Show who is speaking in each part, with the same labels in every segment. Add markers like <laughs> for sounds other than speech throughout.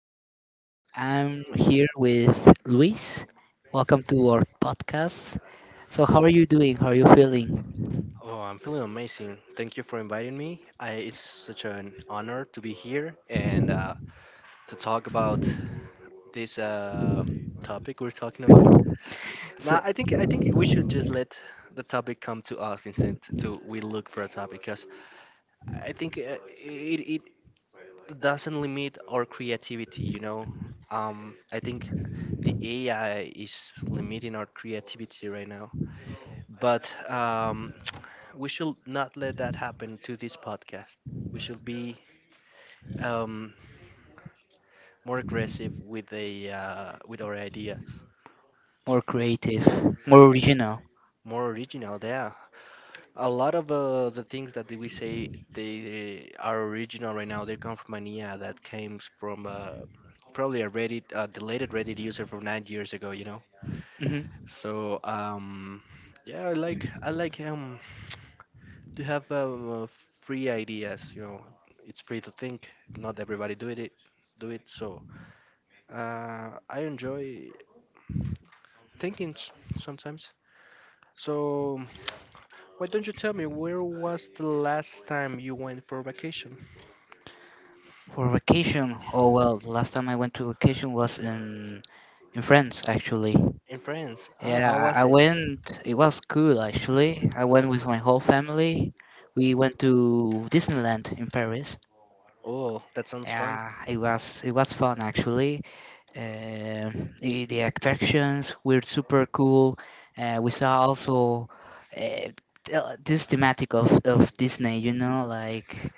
Speaker 1: Matata. I'm here with Luis. Welcome to our podcast. So, how are you doing? How are you feeling?
Speaker 2: Oh, I'm feeling amazing. Thank you for inviting me. I, it's such an honor to be here and to talk about this topic we're talking about.
Speaker 1: <laughs>
Speaker 2: Now,
Speaker 1: So,
Speaker 2: I think we should just let the topic come to us instead to we look for a topic because I think it doesn't limit our creativity. I think the AI is limiting our creativity right now, but we should not let that happen to this podcast we should be um, more aggressive with the with our ideas,
Speaker 1: more creative, more original.
Speaker 2: more original. Yeah, a lot of the things that we say they are original right now. They come from an IA that came from probably a Reddit, a deleted Reddit user from 9 years ago.
Speaker 1: Hmm.
Speaker 2: So um, yeah, I like to have free ideas. You know, it's free to think. Not everybody do it. Do it so. I enjoy thinking sometimes. So, why don't you tell me where was the last time you went for vacation?
Speaker 1: For vacation, oh well, the last time I went to vacation was in France actually.
Speaker 2: In France. Ah,
Speaker 1: Yeah,
Speaker 2: how
Speaker 1: I
Speaker 2: was
Speaker 1: I
Speaker 2: it?
Speaker 1: went. It was cool actually. I went with my whole family. We went to Disneyland in Paris.
Speaker 2: Oh, that sounds fun.
Speaker 1: Yeah, it was fun actually. The attractions were super cool. We saw also uh, this thematic of Disney, you know, like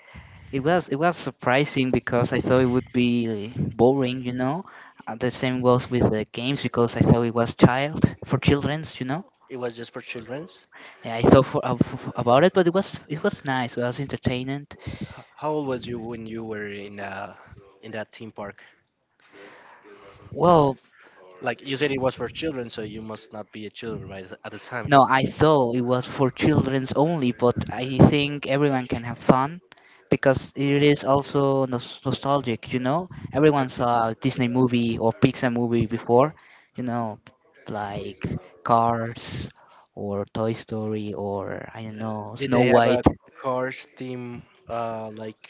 Speaker 1: it was surprising because I thought it would be boring, you know. The same goes with the games because I thought it was child for childrens, you know.
Speaker 2: It was just for childrens.
Speaker 1: Yeah, I thought for, f- f- About it, but it was nice. It was entertaining.
Speaker 2: How old was you when you were in that theme park?
Speaker 1: Well,
Speaker 2: Like you said, it was for children, so you must not be a children right at the time.
Speaker 1: no, I thought it was for children's only, but I think everyone can have fun because it is also nostalgic, you know? Everyone saw a Disney movie or Pixar movie before, you know, like Cars or Toy Story or I don't know,
Speaker 2: Did
Speaker 1: Snow
Speaker 2: they have a
Speaker 1: White.
Speaker 2: cars theme uh like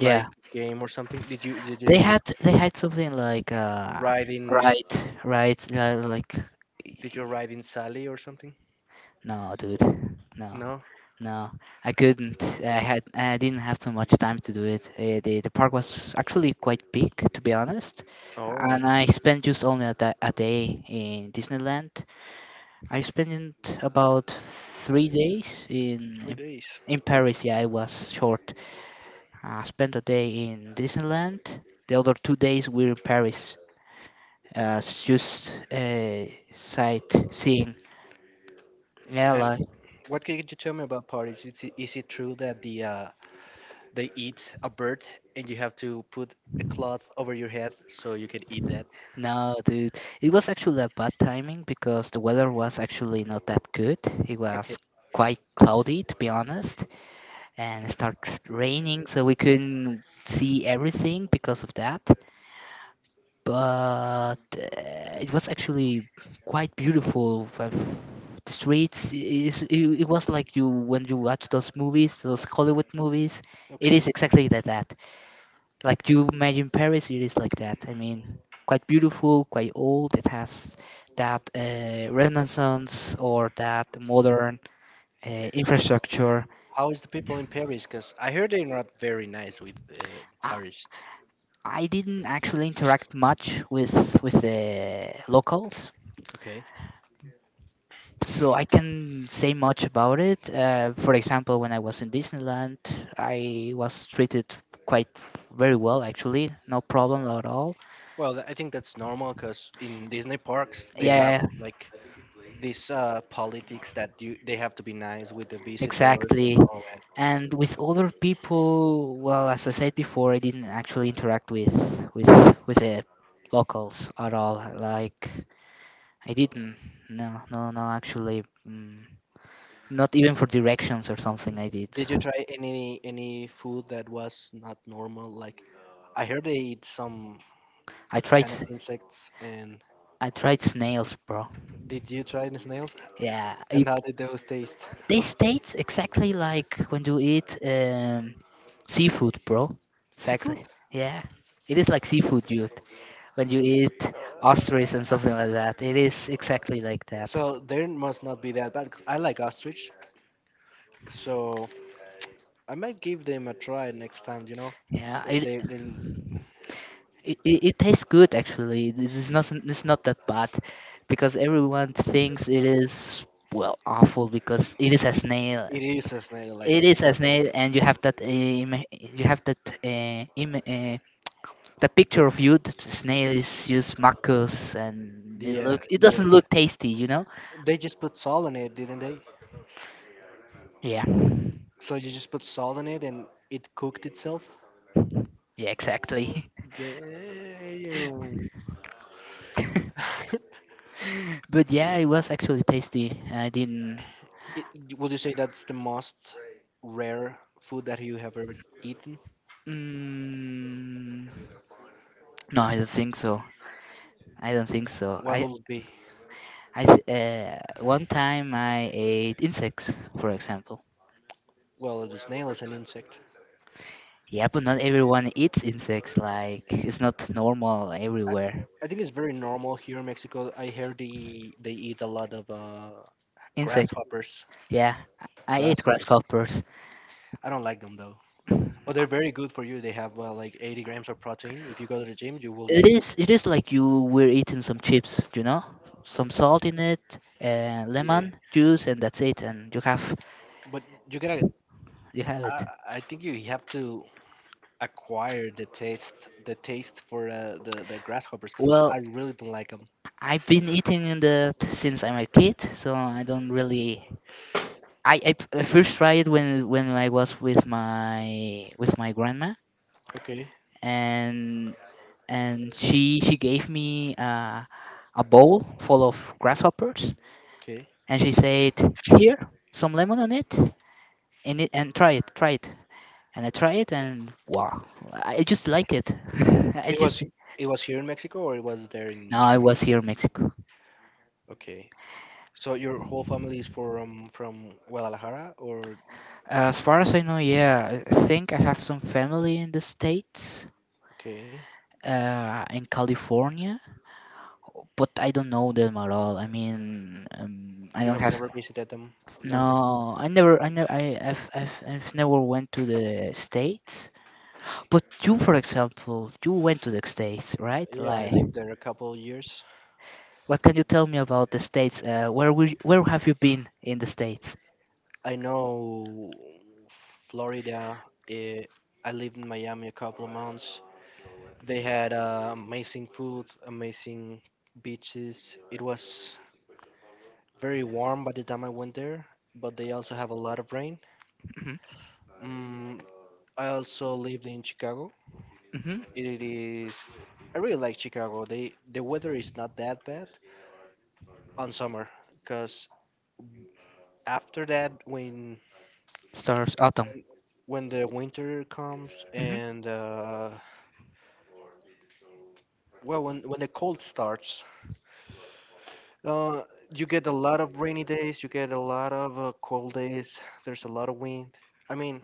Speaker 1: Yeah.
Speaker 2: game or something? Did you did
Speaker 1: They
Speaker 2: you
Speaker 1: had they had something like
Speaker 2: ride in?
Speaker 1: right, yeah, like
Speaker 2: Did you ride in Sally or something?
Speaker 1: no, dude. No.
Speaker 2: No.
Speaker 1: No, I couldn't. I didn't have too much time to do it. The park was actually quite big, to be honest,
Speaker 2: Oh,
Speaker 1: and I spent just only a day in Disneyland. I spent about 3 days
Speaker 2: three days.
Speaker 1: in Paris. Yeah, it was short. I spent a day in Disneyland. The other 2 days were in Paris, s- just sightseeing. Yeah,
Speaker 2: And
Speaker 1: like
Speaker 2: what can you tell me about Paris? Is it true that the they eat a bird and you have to put a cloth over your head so you can eat that?
Speaker 1: no, dude, it was actually a bad timing because the weather was actually not that good. It
Speaker 2: Okay.
Speaker 1: was quite cloudy, to be honest, and it started raining, so we couldn't see everything because of that. But it was actually quite beautiful. The streets, it was like you when you watch those movies, those Hollywood movies. It is
Speaker 2: Okay.
Speaker 1: exactly like that. Like you imagine Paris, it is like that. I mean, quite beautiful, quite old. It has that renaissance or that modern infrastructure.
Speaker 2: How is the people in Paris? Because I heard they're not very nice with
Speaker 1: I,
Speaker 2: tourists.
Speaker 1: I didn't actually interact much with the locals,
Speaker 2: Okay.
Speaker 1: so I can say much about it. For example, when I was in Disneyland, I was treated quite very well actually, no problem at all.
Speaker 2: Well, I think that's normal because in Disney parks they have
Speaker 1: Yeah,
Speaker 2: like this politics that you they have to be nice with the visitors
Speaker 1: exactly.
Speaker 2: and all.
Speaker 1: And with other people, well, as I said before, I didn't actually interact with with the locals at all. Like I didn't. No, no, no. Actually, not even for directions or something. I did.
Speaker 2: Did you try any food that was not normal? Like I heard they eat some
Speaker 1: I tried.
Speaker 2: kind of
Speaker 1: s-
Speaker 2: insects. And
Speaker 1: I tried snails, bro.
Speaker 2: did you try the snails?
Speaker 1: Yeah, it,
Speaker 2: And how did those taste?
Speaker 1: they taste exactly like when you eat seafood, bro.
Speaker 2: Seafood.
Speaker 1: Exactly. Yeah, it is like seafood, dude. When you eat
Speaker 2: Uh,
Speaker 1: ostrich and something like that. It is exactly like that.
Speaker 2: So they must not be that bad, 'cause I like ostrich, so I might give them a try next time. You know,
Speaker 1: Yeah,
Speaker 2: they they, they
Speaker 1: it tastes good actually. It's not that bad, because everyone thinks it is well awful because it is a snail.
Speaker 2: it is a snail. Like
Speaker 1: It is a
Speaker 2: what?
Speaker 1: snail, and you have that im the picture of you. The snail is used mucus,
Speaker 2: The
Speaker 1: and
Speaker 2: Yeah,
Speaker 1: it
Speaker 2: yes.
Speaker 1: doesn't look tasty, you know.
Speaker 2: They just put salt in it, didn't they?
Speaker 1: Yeah,
Speaker 2: So you just put salt in it and it cooked itself.
Speaker 1: yeah, exactly.
Speaker 2: Damn.
Speaker 1: <laughs>
Speaker 2: <laughs>
Speaker 1: But yeah, it was actually tasty. I didn't.
Speaker 2: It, would you say that's the most rare food that you have ever eaten?
Speaker 1: Mm, no, I don't think so. I don't think so.
Speaker 2: What will it be?
Speaker 1: One time I ate insects, for example.
Speaker 2: Well, a snail is an insect.
Speaker 1: Yeah, but not everyone eats insects. Like it's not normal
Speaker 2: I,
Speaker 1: everywhere.
Speaker 2: I think it's very normal here in Mexico. I hear they eat a lot of
Speaker 1: Insect.
Speaker 2: grasshoppers.
Speaker 1: Yeah, I ate
Speaker 2: Grasshoppers.
Speaker 1: grasshoppers.
Speaker 2: I don't like them though, but they're very good for you. They have like 80 grams of protein. If you go to the gym, you will
Speaker 1: It
Speaker 2: get
Speaker 1: is. It is like you were eating some chips. You know, some salt in it,
Speaker 2: yeah.
Speaker 1: lemon juice, and that's it. And
Speaker 2: But you gotta.
Speaker 1: you have
Speaker 2: I,
Speaker 1: it.
Speaker 2: I think you have to acquire the taste for the grasshoppers because
Speaker 1: Well,
Speaker 2: I really don't like them.
Speaker 1: I've been eating in that since I'm a kid, so I don't really. I first tried it when I was with my grandma,
Speaker 2: Okay.
Speaker 1: and she gave me a bowl full of grasshoppers,
Speaker 2: Okay.
Speaker 1: and she said, "Here, some lemon on it, in it, and try it, try it." And I tried it, and wow, I just like it. <laughs> I
Speaker 2: It
Speaker 1: just
Speaker 2: was it was here in Mexico or it was there
Speaker 1: no,
Speaker 2: in
Speaker 1: I
Speaker 2: Germany?
Speaker 1: was here in Mexico.
Speaker 2: Okay. So your whole family is from Guadalajara or
Speaker 1: As far as I know, yeah, I think I have some family in the States,
Speaker 2: okay.
Speaker 1: in California, but I don't know them at all. I mean, I
Speaker 2: You
Speaker 1: don't
Speaker 2: have
Speaker 1: have.
Speaker 2: never visited them nothing?
Speaker 1: No, I never, I never, I, I've never went to the states. But you, for example, you went to the states, right?
Speaker 2: Yeah, I
Speaker 1: Like,
Speaker 2: lived there a couple of years.
Speaker 1: what can you tell me about the states? Where have you been in the states?
Speaker 2: I know Florida. eh, I lived in Miami a couple of months. They had amazing food, amazing beaches. It was very warm by the time I went there, but they also have a lot of rain.
Speaker 1: Hmm.
Speaker 2: Mm, I also lived in Chicago.
Speaker 1: Hmm.
Speaker 2: It is. I really like Chicago. They the weather is not that bad on summer, because after that, when
Speaker 1: Stars, autumn.
Speaker 2: the winter comes
Speaker 1: Hmm.
Speaker 2: and well, when the cold starts, uh, you get a lot of rainy days. You get a lot of cold days. There's a lot of wind. I mean,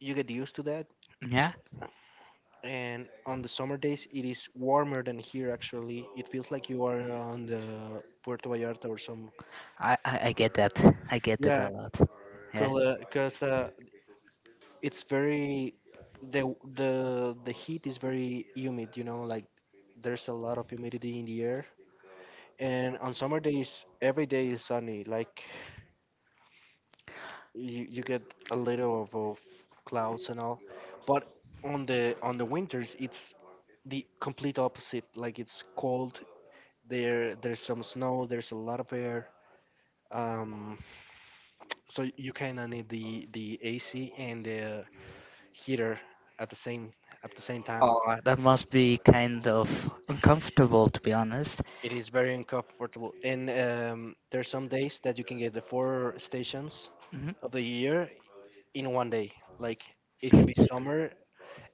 Speaker 2: you get used to that.
Speaker 1: Yeah,
Speaker 2: And on the summer days, it is warmer than here. Actually, it feels like you are on the Puerto Vallarta or some.
Speaker 1: I get that. I get that a
Speaker 2: Yeah,
Speaker 1: lot. Yeah.
Speaker 2: because it's very the heat is very humid, you know, like there's a lot of humidity in the air, and on summer days every day is sunny, like you get a little of clouds and all, but on the winters it's the complete opposite, like it's cold, there's some snow, there's a lot of air, um <tsk> so you kind of need the ac and the heater at the same time.
Speaker 1: Oh, that must be kind of uncomfortable, to be honest.
Speaker 2: It is very uncomfortable, and there's some days that you can get the four stations
Speaker 1: Mhm.
Speaker 2: of the year in one day. Like it can be summer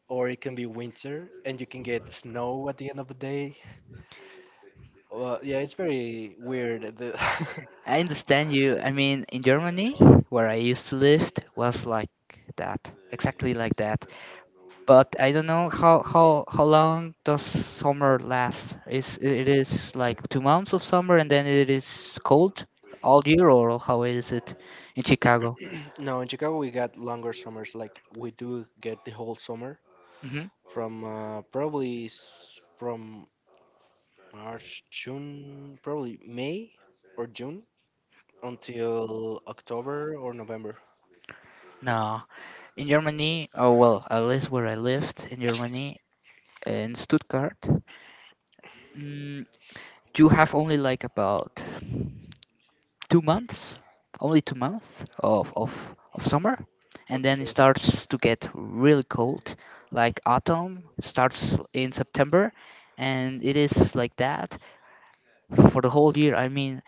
Speaker 2: or it can be winter, and you can get snow at the end of the day. Well, yeah, it's very weird. The
Speaker 1: I understand you. I mean, in Germany, where I used to live, was like that, exactly like that. But I don't know how long does summer last? Is it is like 2 months of summer and then it is cold all year, or how is it in Chicago?
Speaker 2: <laughs> no, in Chicago we got longer summers. Like we do get the whole summer
Speaker 1: Hmm.
Speaker 2: from from March, June, probably May or June until October or November.
Speaker 1: No, in Germany. Oh well, at least where I lived in Germany, in Stuttgart. Mm, you have only like about 2 months, only 2 months of summer, and then it
Speaker 2: Okay.
Speaker 1: starts to get really cold. Like autumn starts in September, and it is like that for the whole year. I mean,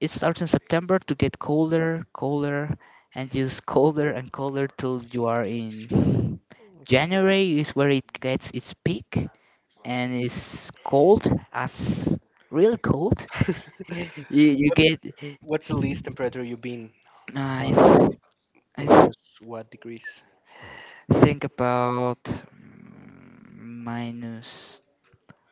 Speaker 1: it starts in September to get colder, colder, and just <laughs> colder and colder till you are in January is where it gets its peak, and it's cold as real cold. <laughs>
Speaker 2: <laughs>
Speaker 1: You
Speaker 2: What
Speaker 1: get
Speaker 2: what's the least temperature you've been
Speaker 1: I
Speaker 2: on? Like
Speaker 1: th- I th-
Speaker 2: minus what degrees?
Speaker 1: think about minus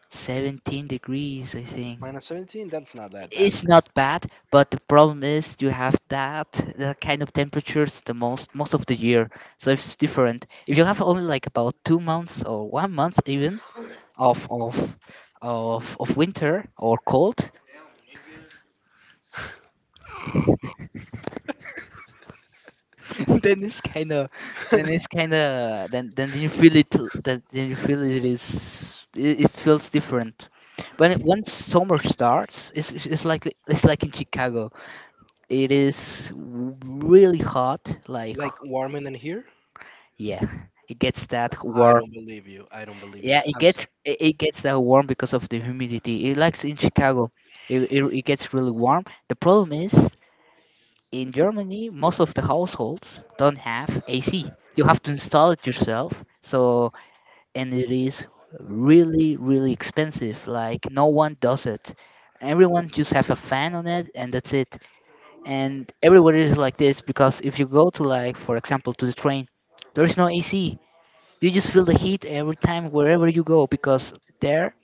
Speaker 1: 17 degrees, I think.
Speaker 2: Minus 17? That's not that bad,
Speaker 1: It's
Speaker 2: man.
Speaker 1: not bad, but the problem is you have that that kind of temperatures the most of the year, so it's different. If you have only like about 2 months or 1 month even of of of winter or cold, <laughs> then it's kind of
Speaker 2: <laughs>
Speaker 1: then you feel it l- then you feel it is it feels different when when summer starts, it's like in Chicago it is really hot, like
Speaker 2: Like warmer than here?
Speaker 1: yeah, it gets that
Speaker 2: I
Speaker 1: warm.
Speaker 2: don't believe you. I don't believe you.
Speaker 1: Yeah, it
Speaker 2: I'm
Speaker 1: gets
Speaker 2: sorry.
Speaker 1: it gets that warm because of the humidity. It likes in Chicago it, it gets really warm. The problem is in Germany, most of the households don't have AC. You have to install it yourself. So, and it is really, really expensive. Like, no one does it. Everyone just have a fan on it, and that's it. And everywhere is like this because if you go to, like, for example, to the train, there is no AC. You just feel the heat every time wherever you go because there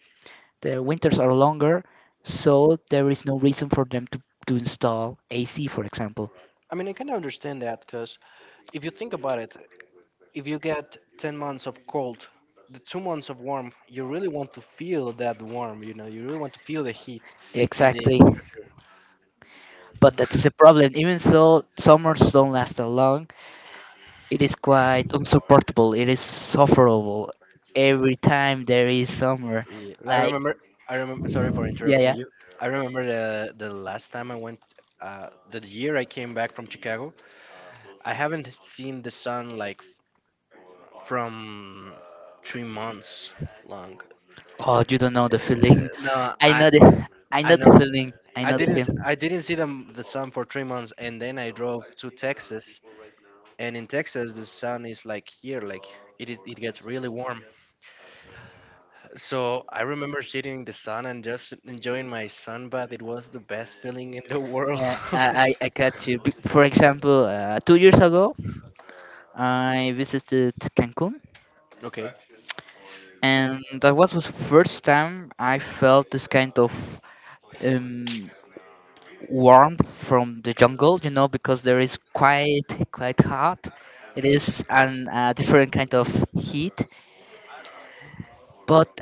Speaker 1: the winters are longer, so there is no reason for them to install AC, for example.
Speaker 2: I mean, I can understand that because if you think about it, if you get 10 months of cold, the 2 months of warm, you really want to feel that warm, you know, you really want to feel the heat in the
Speaker 1: Exactly.
Speaker 2: temperature.
Speaker 1: But that is a
Speaker 2: <laughs>
Speaker 1: problem. Even though summers don't last that long, it is quite unsupportable. It is sufferable. Every time there is summer,
Speaker 2: Yeah, I
Speaker 1: like
Speaker 2: remember. I remember. Sorry for
Speaker 1: yeah, yeah.
Speaker 2: interrupting you. I remember the last time I went, the year I came back from Chicago. I haven't seen the sun like from 3 months long.
Speaker 1: Oh, you don't know the feeling.
Speaker 2: No,
Speaker 1: <laughs> I know I
Speaker 2: I
Speaker 1: know the
Speaker 2: know
Speaker 1: feeling. I
Speaker 2: I
Speaker 1: know the
Speaker 2: didn't s-
Speaker 1: feeling.
Speaker 2: I didn't see the sun for 3 months, and then I drove to Texas, and in Texas the sun is like here, like it gets really warm. So I remember sitting in the sun and just enjoying my sunbath. It was the best feeling in the world.
Speaker 1: Yeah,
Speaker 2: <laughs>
Speaker 1: I got you. For example, 2 years ago, I visited Cancun,
Speaker 2: Okay.
Speaker 1: and that was the first time I felt this kind of um, warmth from the jungle, you know, because there is quite hot. It is an a different kind of heat, but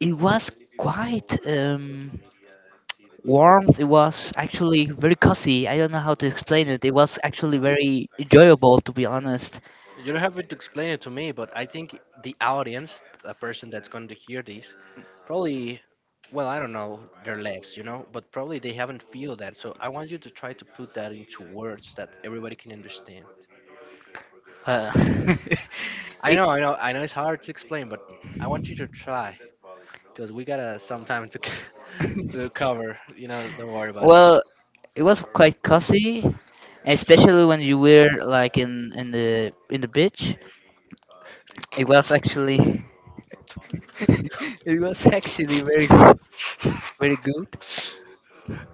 Speaker 1: it was quite warmth. It was actually very cozy. I don't know how to explain it. It was actually very enjoyable, to be honest.
Speaker 2: You don't have to explain it to me, but I think the audience, the person that's going to hear this, probably, well, I don't know their lives, you know, but probably they haven't feel that. So I want you to try to put that into words that everybody can understand.
Speaker 1: Uh, <laughs> it,
Speaker 2: I know. It's hard to explain, but I want you to try because we gotta some time to c- <laughs> to cover. You know, don't worry about it.
Speaker 1: Well, it was quite cozy, especially when you were like in the beach. It was actually <laughs> it was actually very very good,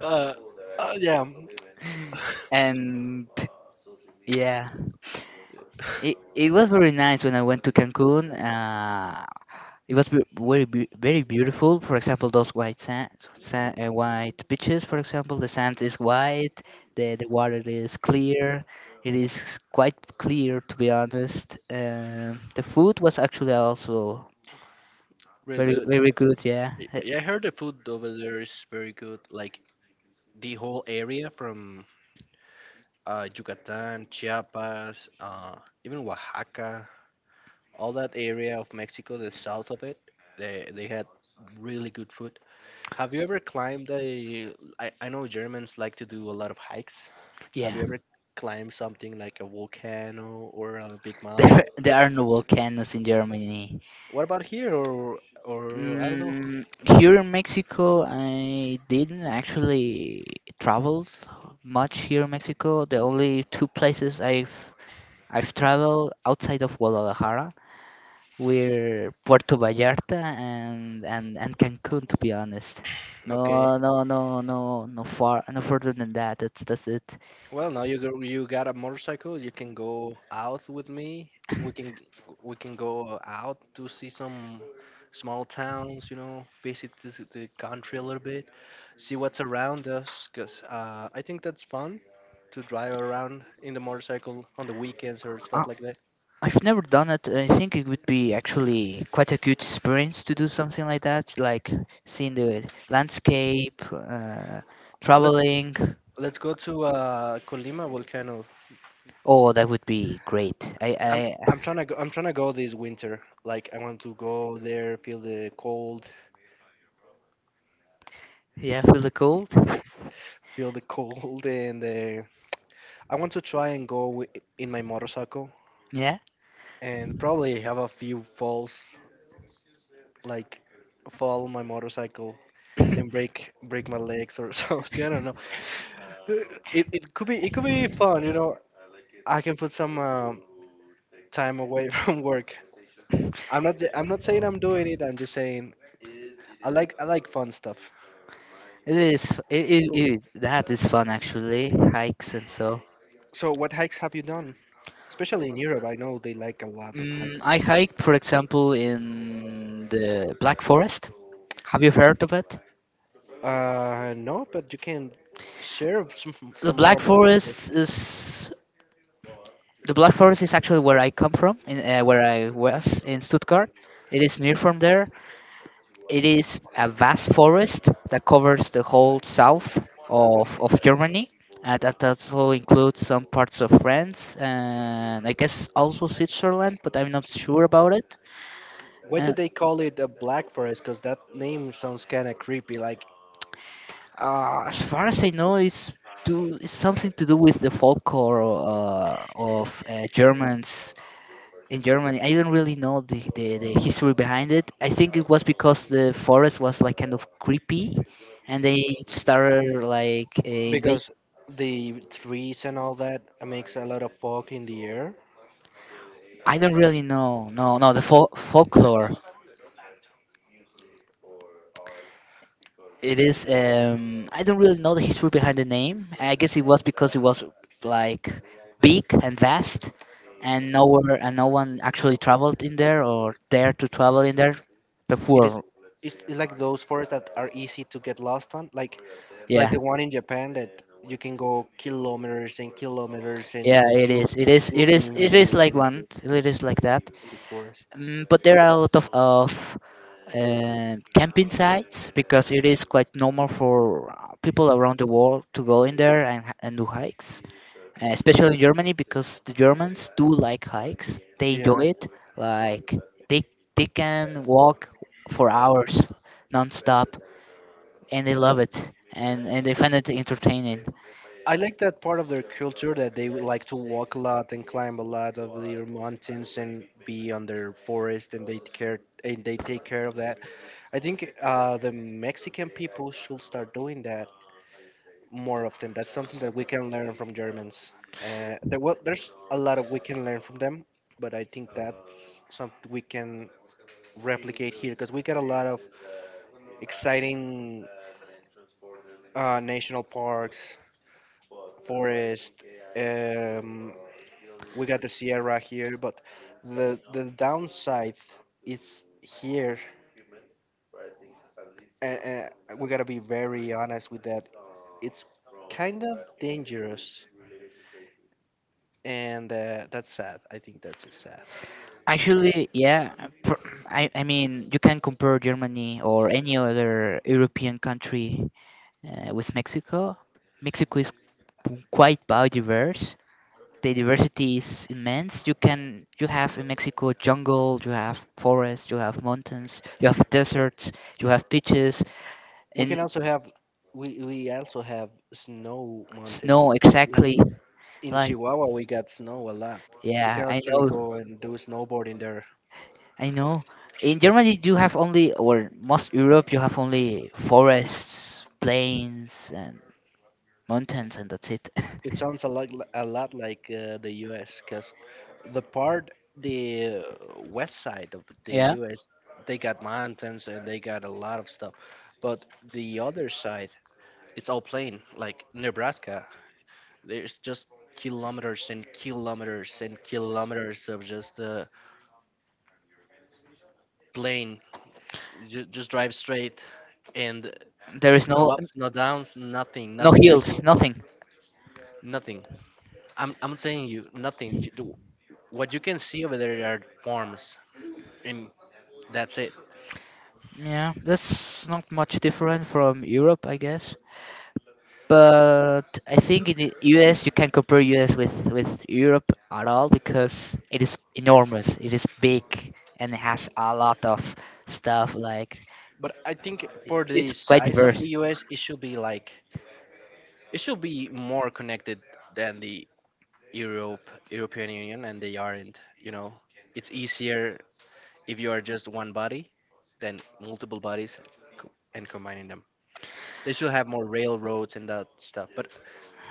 Speaker 2: Uh, yeah,
Speaker 1: and yeah, it was very nice when I went to Cancun. It was very very beautiful. For example, those white sand, white beaches. For example, the sand is white. The water is clear. It is quite clear, to be honest. The food was actually also
Speaker 2: really <laughs>
Speaker 1: very
Speaker 2: good.
Speaker 1: very good. Yeah.
Speaker 2: Yeah, I heard the food over there is very good. Like the whole area from Yucatan, Chiapas, even Oaxaca, all that area of Mexico, the south of it, they had really good food. Have you ever climbed a? I know Germans like to do a lot of hikes. Have
Speaker 1: Yeah.
Speaker 2: you
Speaker 1: <laughs>
Speaker 2: ever climbed something like a volcano or a big mountain?
Speaker 1: There are no volcanoes in Germany.
Speaker 2: What about here or I don't know.
Speaker 1: Mm, Here in Mexico, I didn't actually travel much here in Mexico. The only two places I've traveled outside of Guadalajara were Puerto Vallarta and and Cancun, to be honest. No,
Speaker 2: Okay.
Speaker 1: no, no, no, No far, no further than that. That's it.
Speaker 2: Well, now you go, you got a motorcycle. You can go out with me. We can go out to see some small towns. You know, visit the country a little bit. See what's around us because I think that's fun to drive around in the motorcycle on the weekends or stuff like that.
Speaker 1: I've never done it. I think it would be actually quite a good experience to do something like that, like seeing the landscape,
Speaker 2: Let's
Speaker 1: traveling.
Speaker 2: let's go to Colima volcano.
Speaker 1: Oh, that would be great.
Speaker 2: I'm I'm trying to go this winter. Like I want to go there,
Speaker 1: Yeah, feel the cold.
Speaker 2: feel the cold, <laughs> and I want to try and go in my motorcycle
Speaker 1: Yeah,
Speaker 2: and probably have a few falls, like fall on my motorcycle and break my legs or <laughs> so. I don't know. Uh, it could be fun, you know. I can put some time away <laughs> from work. I'm not saying I'm doing it. I'm just saying I like fun stuff.
Speaker 1: it is.
Speaker 2: Oh,
Speaker 1: It, that is fun actually. Hikes and so.
Speaker 2: so what hikes have you done? Especially in Europe, I know they like a lot of hikes.
Speaker 1: I hiked, for example, in the Black Forest. Have you heard of it?
Speaker 2: No, but you can share some
Speaker 1: The
Speaker 2: some more.
Speaker 1: Black
Speaker 2: About,
Speaker 1: Forest is the Black Forest is actually where I come from, in, where I was in Stuttgart. It is near from there. It is a vast forest that covers the whole south of Germany. That also includes some parts of France, and I guess also Switzerland, but I'm not sure about it.
Speaker 2: why do
Speaker 1: Uh,
Speaker 2: they call it a black forest? Because that name sounds kind of creepy. Like
Speaker 1: as far as I know, it's do it's something to do with the folklore of Germans in Germany. I don't really know the history behind it. I think it was because the forest was like kind of creepy, and they started like invade.
Speaker 2: because the trees and all that makes a lot of fog in the air.
Speaker 1: I don't really know. No, no, the folklore. It is. I don't really know the history behind the name. I guess it was because it was like big and vast, and nowhere and no one actually traveled in there or dared to travel in there
Speaker 2: It is
Speaker 1: before.
Speaker 2: it's like those forests that are easy to get lost on,
Speaker 1: Yeah,
Speaker 2: like the one in Japan that you can go kilometers and kilometers and
Speaker 1: yeah, it
Speaker 2: you
Speaker 1: is. It is.
Speaker 2: still
Speaker 1: It
Speaker 2: be
Speaker 1: is. It is like one. It is like that.
Speaker 2: in the forest.
Speaker 1: Mm, but there are a lot of camping sites because it is quite normal for people around the world to go in there and, and do hikes, especially in Germany because the Germans do like hikes. They
Speaker 2: Yeah,
Speaker 1: enjoy it. Like they can walk for hours non-stop, and they love it, and they find it entertaining.
Speaker 2: I like that part of their culture that they would like to walk a lot and climb a lot of their mountains and be on their forest and they care and they take care of that. I think the Mexican people should start doing that more often. That's something that we can learn from Germans. There's a lot of we can learn from them, but I think that's something we can replicate here because we got a lot of exciting national parks, forest. Um, we got the Sierra here, but the downside is here, and we gotta be very honest with that. It's kind of dangerous, and that's sad. I think that's just sad.
Speaker 1: Actually, yeah, pr- I mean you can compare Germany or any other European country with Mexico. Mexico is quite biodiverse. The diversity is immense. You have in Mexico jungle, you have forests, you have mountains, you have deserts, you have beaches
Speaker 2: We
Speaker 1: and
Speaker 2: can also have we also have snow mountains.
Speaker 1: snow,
Speaker 2: Like
Speaker 1: exactly.
Speaker 2: in
Speaker 1: Like
Speaker 2: Chihuahua, we got snow a lot. You
Speaker 1: yeah,
Speaker 2: can
Speaker 1: I
Speaker 2: actually
Speaker 1: know,
Speaker 2: go and do snowboarding there.
Speaker 1: I know. In Germany, you have only, or most Europe, you have only forests, plains, and mountains, and that's it. <laughs>
Speaker 2: It sounds a lot like the U.S. because the part the west side of the
Speaker 1: Yeah,
Speaker 2: U.S. they got mountains and they got a lot of stuff, but the other side it's all plain like Nebraska. There's just kilometers and kilometers and kilometers of just plain just drive straight and
Speaker 1: there is
Speaker 2: no
Speaker 1: no
Speaker 2: ups, no downs, nothing, no
Speaker 1: no
Speaker 2: nothing. There's no,
Speaker 1: hills, nothing.
Speaker 2: nothing. I'm saying you nothing. What you can see over there are farms, and that's it.
Speaker 1: Yeah, that's not much different from Europe, I guess. But I think in the US you can't compare US with Europe at all because it is enormous. It is big and has a lot of stuff like
Speaker 2: But I think for
Speaker 1: it's
Speaker 2: the
Speaker 1: quite
Speaker 2: size of
Speaker 1: diverse.
Speaker 2: the U.S., it should be more connected than the European Union, and they aren't. You know, it's easier if you are just one body than multiple bodies and combining them. They should have more railroads and that stuff. But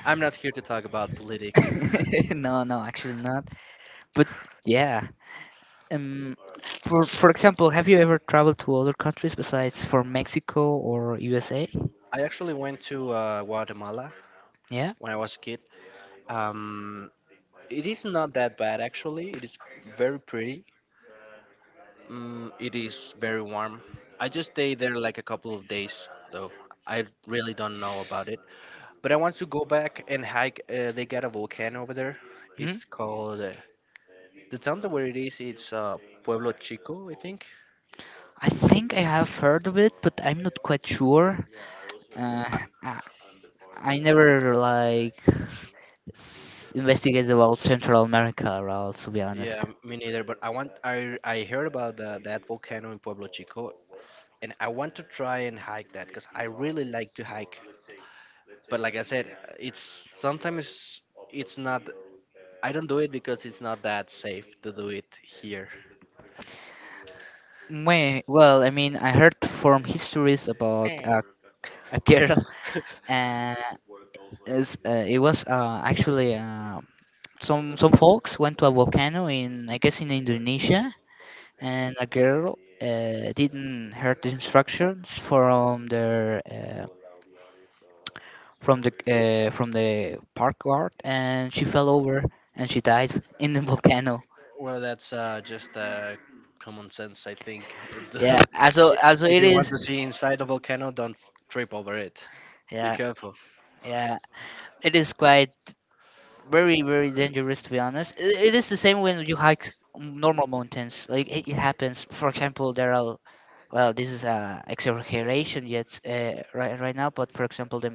Speaker 2: I'm not here to talk about politics.
Speaker 1: <laughs> No, no, actually not. But yeah, um, for example, have you ever traveled to other countries besides from Mexico or USA?
Speaker 2: I actually went to Guatemala
Speaker 1: Yeah.
Speaker 2: when I was a kid. Um, it is not that bad actually. It is very pretty. Mm, it is very warm. I just stayed there like a couple of days though. I really don't know about it. But I want to go back and hike. They got a volcano over there.
Speaker 1: Mhm.
Speaker 2: It's called the town that where it is. It's Pueblo Chico, I think.
Speaker 1: I think I have heard of it, but I'm not quite sure. Uh,
Speaker 2: I-
Speaker 1: I, I never like investigated about Central America at all, to be honest.
Speaker 2: Yeah, me neither. But I want I heard about that volcano in Pueblo Chico, and I want to try and hike that because I really like to hike. But like I said, it's sometimes it's not. I don't do it because it's not that safe to do it here.
Speaker 1: Wait, well, I mean, I heard from histories about
Speaker 2: Eh,
Speaker 1: a girl, uh, is it was actually a some folks went to a volcano in, I guess, in Indonesia, and a girl didn't hear the instructions from their from the park guard, and she fell over and she died in the <laughs> volcano.
Speaker 2: well, that's just common sense, I think. <laughs>
Speaker 1: Yeah, also, also
Speaker 2: If
Speaker 1: it
Speaker 2: you want to
Speaker 1: is.
Speaker 2: see inside a volcano, don't trip over it. Be
Speaker 1: Yeah,
Speaker 2: careful.
Speaker 1: yeah, it is quite very, very dangerous, to be honest. I it is the same when you hike normal mountains. Like it happens. For example, there are well, this is a exaggeration yet right now, but for example, the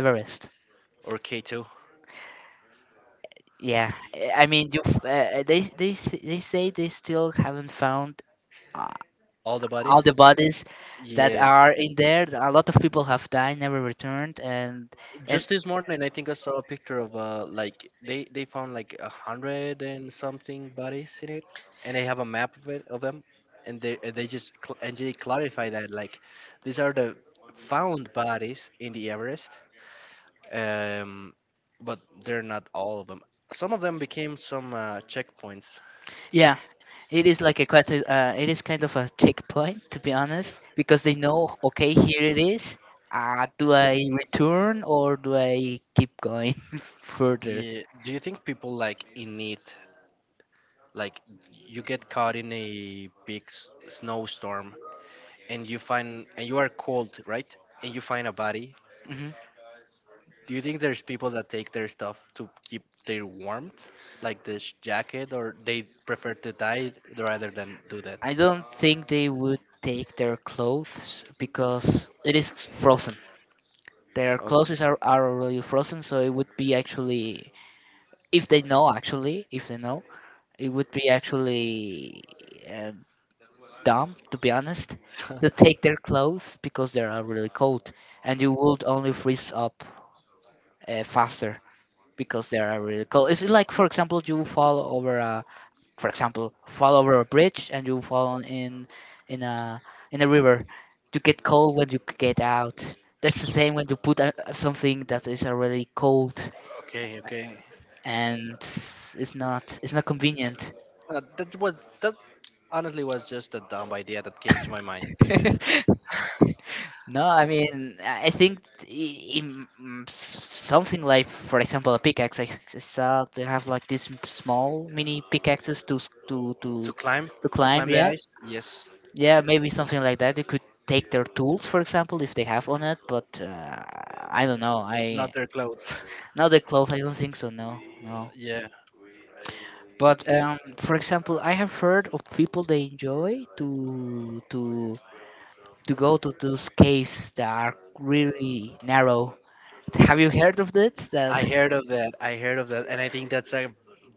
Speaker 1: Everest.
Speaker 2: Or K2.
Speaker 1: Yeah, eh, I mean, you they they say they still haven't found uh,
Speaker 2: All the bodies.
Speaker 1: all the bodies that
Speaker 2: Yeah.
Speaker 1: are in there. A lot of people have died, never returned, and
Speaker 2: Just this morning, I think I saw a picture of like they found like a hundred and something bodies in it, and they have a map of it of them, and they just cl- and they clarify that like these are the found bodies in the Everest, um, but they're not all of them. Some of them became some checkpoints.
Speaker 1: yeah, it is like a quite a, it is kind of a checkpoint, to be honest, because they know okay here it is. Do I return or do I keep going <laughs> further?
Speaker 2: Yeah, do you think people like in need, like you get caught in a big snowstorm and you are cold, right? And you find a body.
Speaker 1: Mm-hmm.
Speaker 2: Do you think there's people that take their stuff to keep their warmth, like this jacket, or they prefer to die rather than do that?
Speaker 1: I don't think they would take their clothes because it is frozen. Their
Speaker 2: Okay.
Speaker 1: clothes are already frozen, so it would be actually, if they know, actually, if they know, it would be actually um, dumb, to be honest, to take
Speaker 2: <laughs>
Speaker 1: their clothes because they are really cold, and you would only freeze up faster because they are really cold. It's like, for example, you fall over a for example, fall over a bridge and you fall in a in a river. You get cold when you get out. That's the same when you put something that is already cold
Speaker 2: Okay, okay.
Speaker 1: and it's not, it's not convenient.
Speaker 2: That was that honestly was just a dumb idea that came to my mind.
Speaker 1: <laughs> No, I mean I think in mm, something like, for example, a pickaxe. I saw they have like these small mini pickaxes to
Speaker 2: To climb,
Speaker 1: to
Speaker 2: to
Speaker 1: climb.
Speaker 2: climb the
Speaker 1: Yeah,
Speaker 2: ice. Yes,
Speaker 1: yeah, maybe something like that. You could take their tools, for example, if they have on it. But I don't know.
Speaker 2: not
Speaker 1: I
Speaker 2: their clothes. <laughs>
Speaker 1: now the clothes. I don't think so. No, no.
Speaker 2: Yeah.
Speaker 1: But for example, I have heard of people they enjoy to go to those caves that are really narrow. Have you heard of that? That
Speaker 2: I heard of that. I heard of that, and I think that's a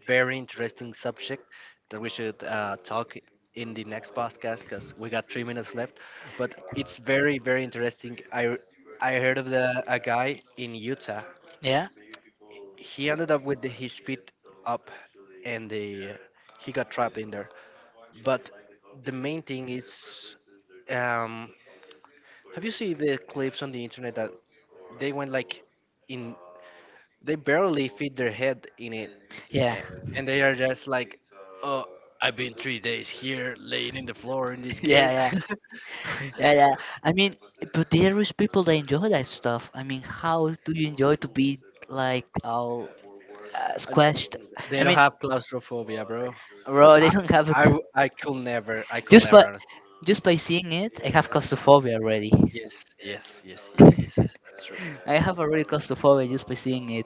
Speaker 2: very interesting subject that we should talk in the next podcast because we got 3 minutes left. But it's very, very interesting. I heard of the a guy in Utah.
Speaker 1: yeah,
Speaker 2: He ended up with his feet up, and the he got trapped in there. But the main thing is, um, have you seen the clips on the internet that they went like in they barely fit their head in it,
Speaker 1: yeah,
Speaker 2: a- and they are just like, "Oh, I've been 3 days here, laying in the floor in this
Speaker 1: <laughs> yeah,
Speaker 2: cave."
Speaker 1: yeah,
Speaker 2: <laughs>
Speaker 1: yeah, yeah. I mean, but there is people that enjoy that stuff. I mean, how do you enjoy to be like all
Speaker 2: And
Speaker 1: squashed.
Speaker 2: they
Speaker 1: I
Speaker 2: don't
Speaker 1: mean,
Speaker 2: have claustrophobia, bro.
Speaker 1: <laughs> bro, they
Speaker 2: I,
Speaker 1: don't have a
Speaker 2: I could never, I could
Speaker 1: just by
Speaker 2: never. honest-
Speaker 1: seeing it, I have claustrophobia already.
Speaker 2: Yes, yes, yes, yes, yes,
Speaker 1: <laughs>
Speaker 2: yes. That's true.
Speaker 1: I have already claustrophobia just by seeing it,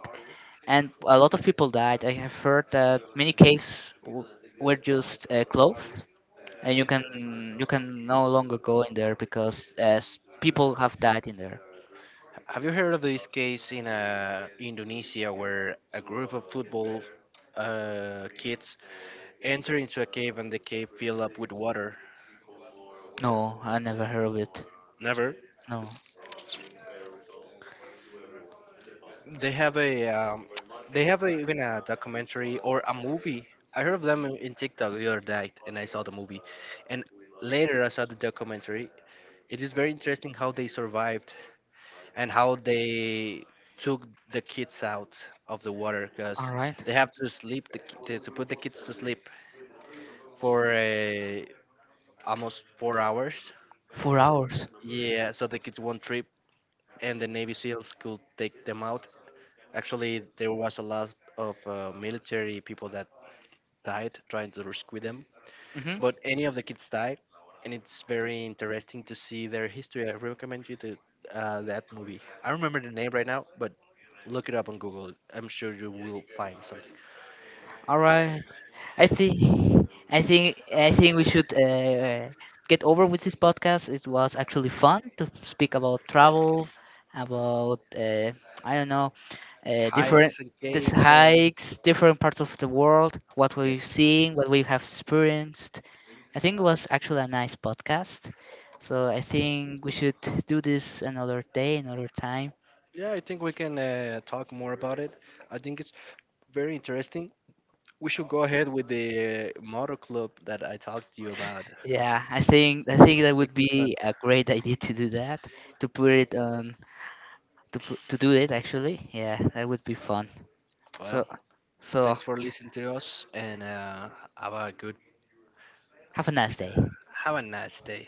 Speaker 1: and a lot of people died. I have heard that many caves were just closed, and you can no longer go in there because as people have died in there.
Speaker 2: Have you heard of this case in Indonesia where a group of football kids enter into a cave and the cave fill up with water?
Speaker 1: No, I never heard of it.
Speaker 2: Never.
Speaker 1: No.
Speaker 2: They have a even a documentary or a movie. I heard of them in TikTok the other night, and I saw the movie, and later I saw the documentary. It is very interesting how they survived and how they took the kids out of the water because
Speaker 1: All right.
Speaker 2: they have to sleep to put the kids to sleep for almost 4 hours.
Speaker 1: 4 hours.
Speaker 2: Yeah, so the kids won't trip, and the Navy SEALs could take them out. Actually, there was a lot of military people that died trying to rescue them,
Speaker 1: Hmm.
Speaker 2: but any of the kids died, and it's very interesting to see their history. I recommend you to that movie. I remember the name right now, but look it up on Google. I'm sure you will find something.
Speaker 1: All right. I think I think I think we should get over with this podcast. It was actually fun to speak about travel, about I don't know, different
Speaker 2: Hikes and
Speaker 1: this
Speaker 2: caves and
Speaker 1: hikes, different parts of the world, what we've
Speaker 2: yes,
Speaker 1: seen, what we have experienced. I think it was actually a nice podcast. So I think we should do this another day, another time.
Speaker 2: yeah. I think we can talk more about it. I think it's very interesting. We should go ahead with the motor club that I talked to you about.
Speaker 1: Yeah, I think that
Speaker 2: It
Speaker 1: would
Speaker 2: was
Speaker 1: be
Speaker 2: fun.
Speaker 1: a great idea to do that, to put it on to do it actually. Yeah, that would be fun. So
Speaker 2: Well,
Speaker 1: so
Speaker 2: thanks for listening to us and have a good
Speaker 1: have a nice day.
Speaker 2: have a nice day.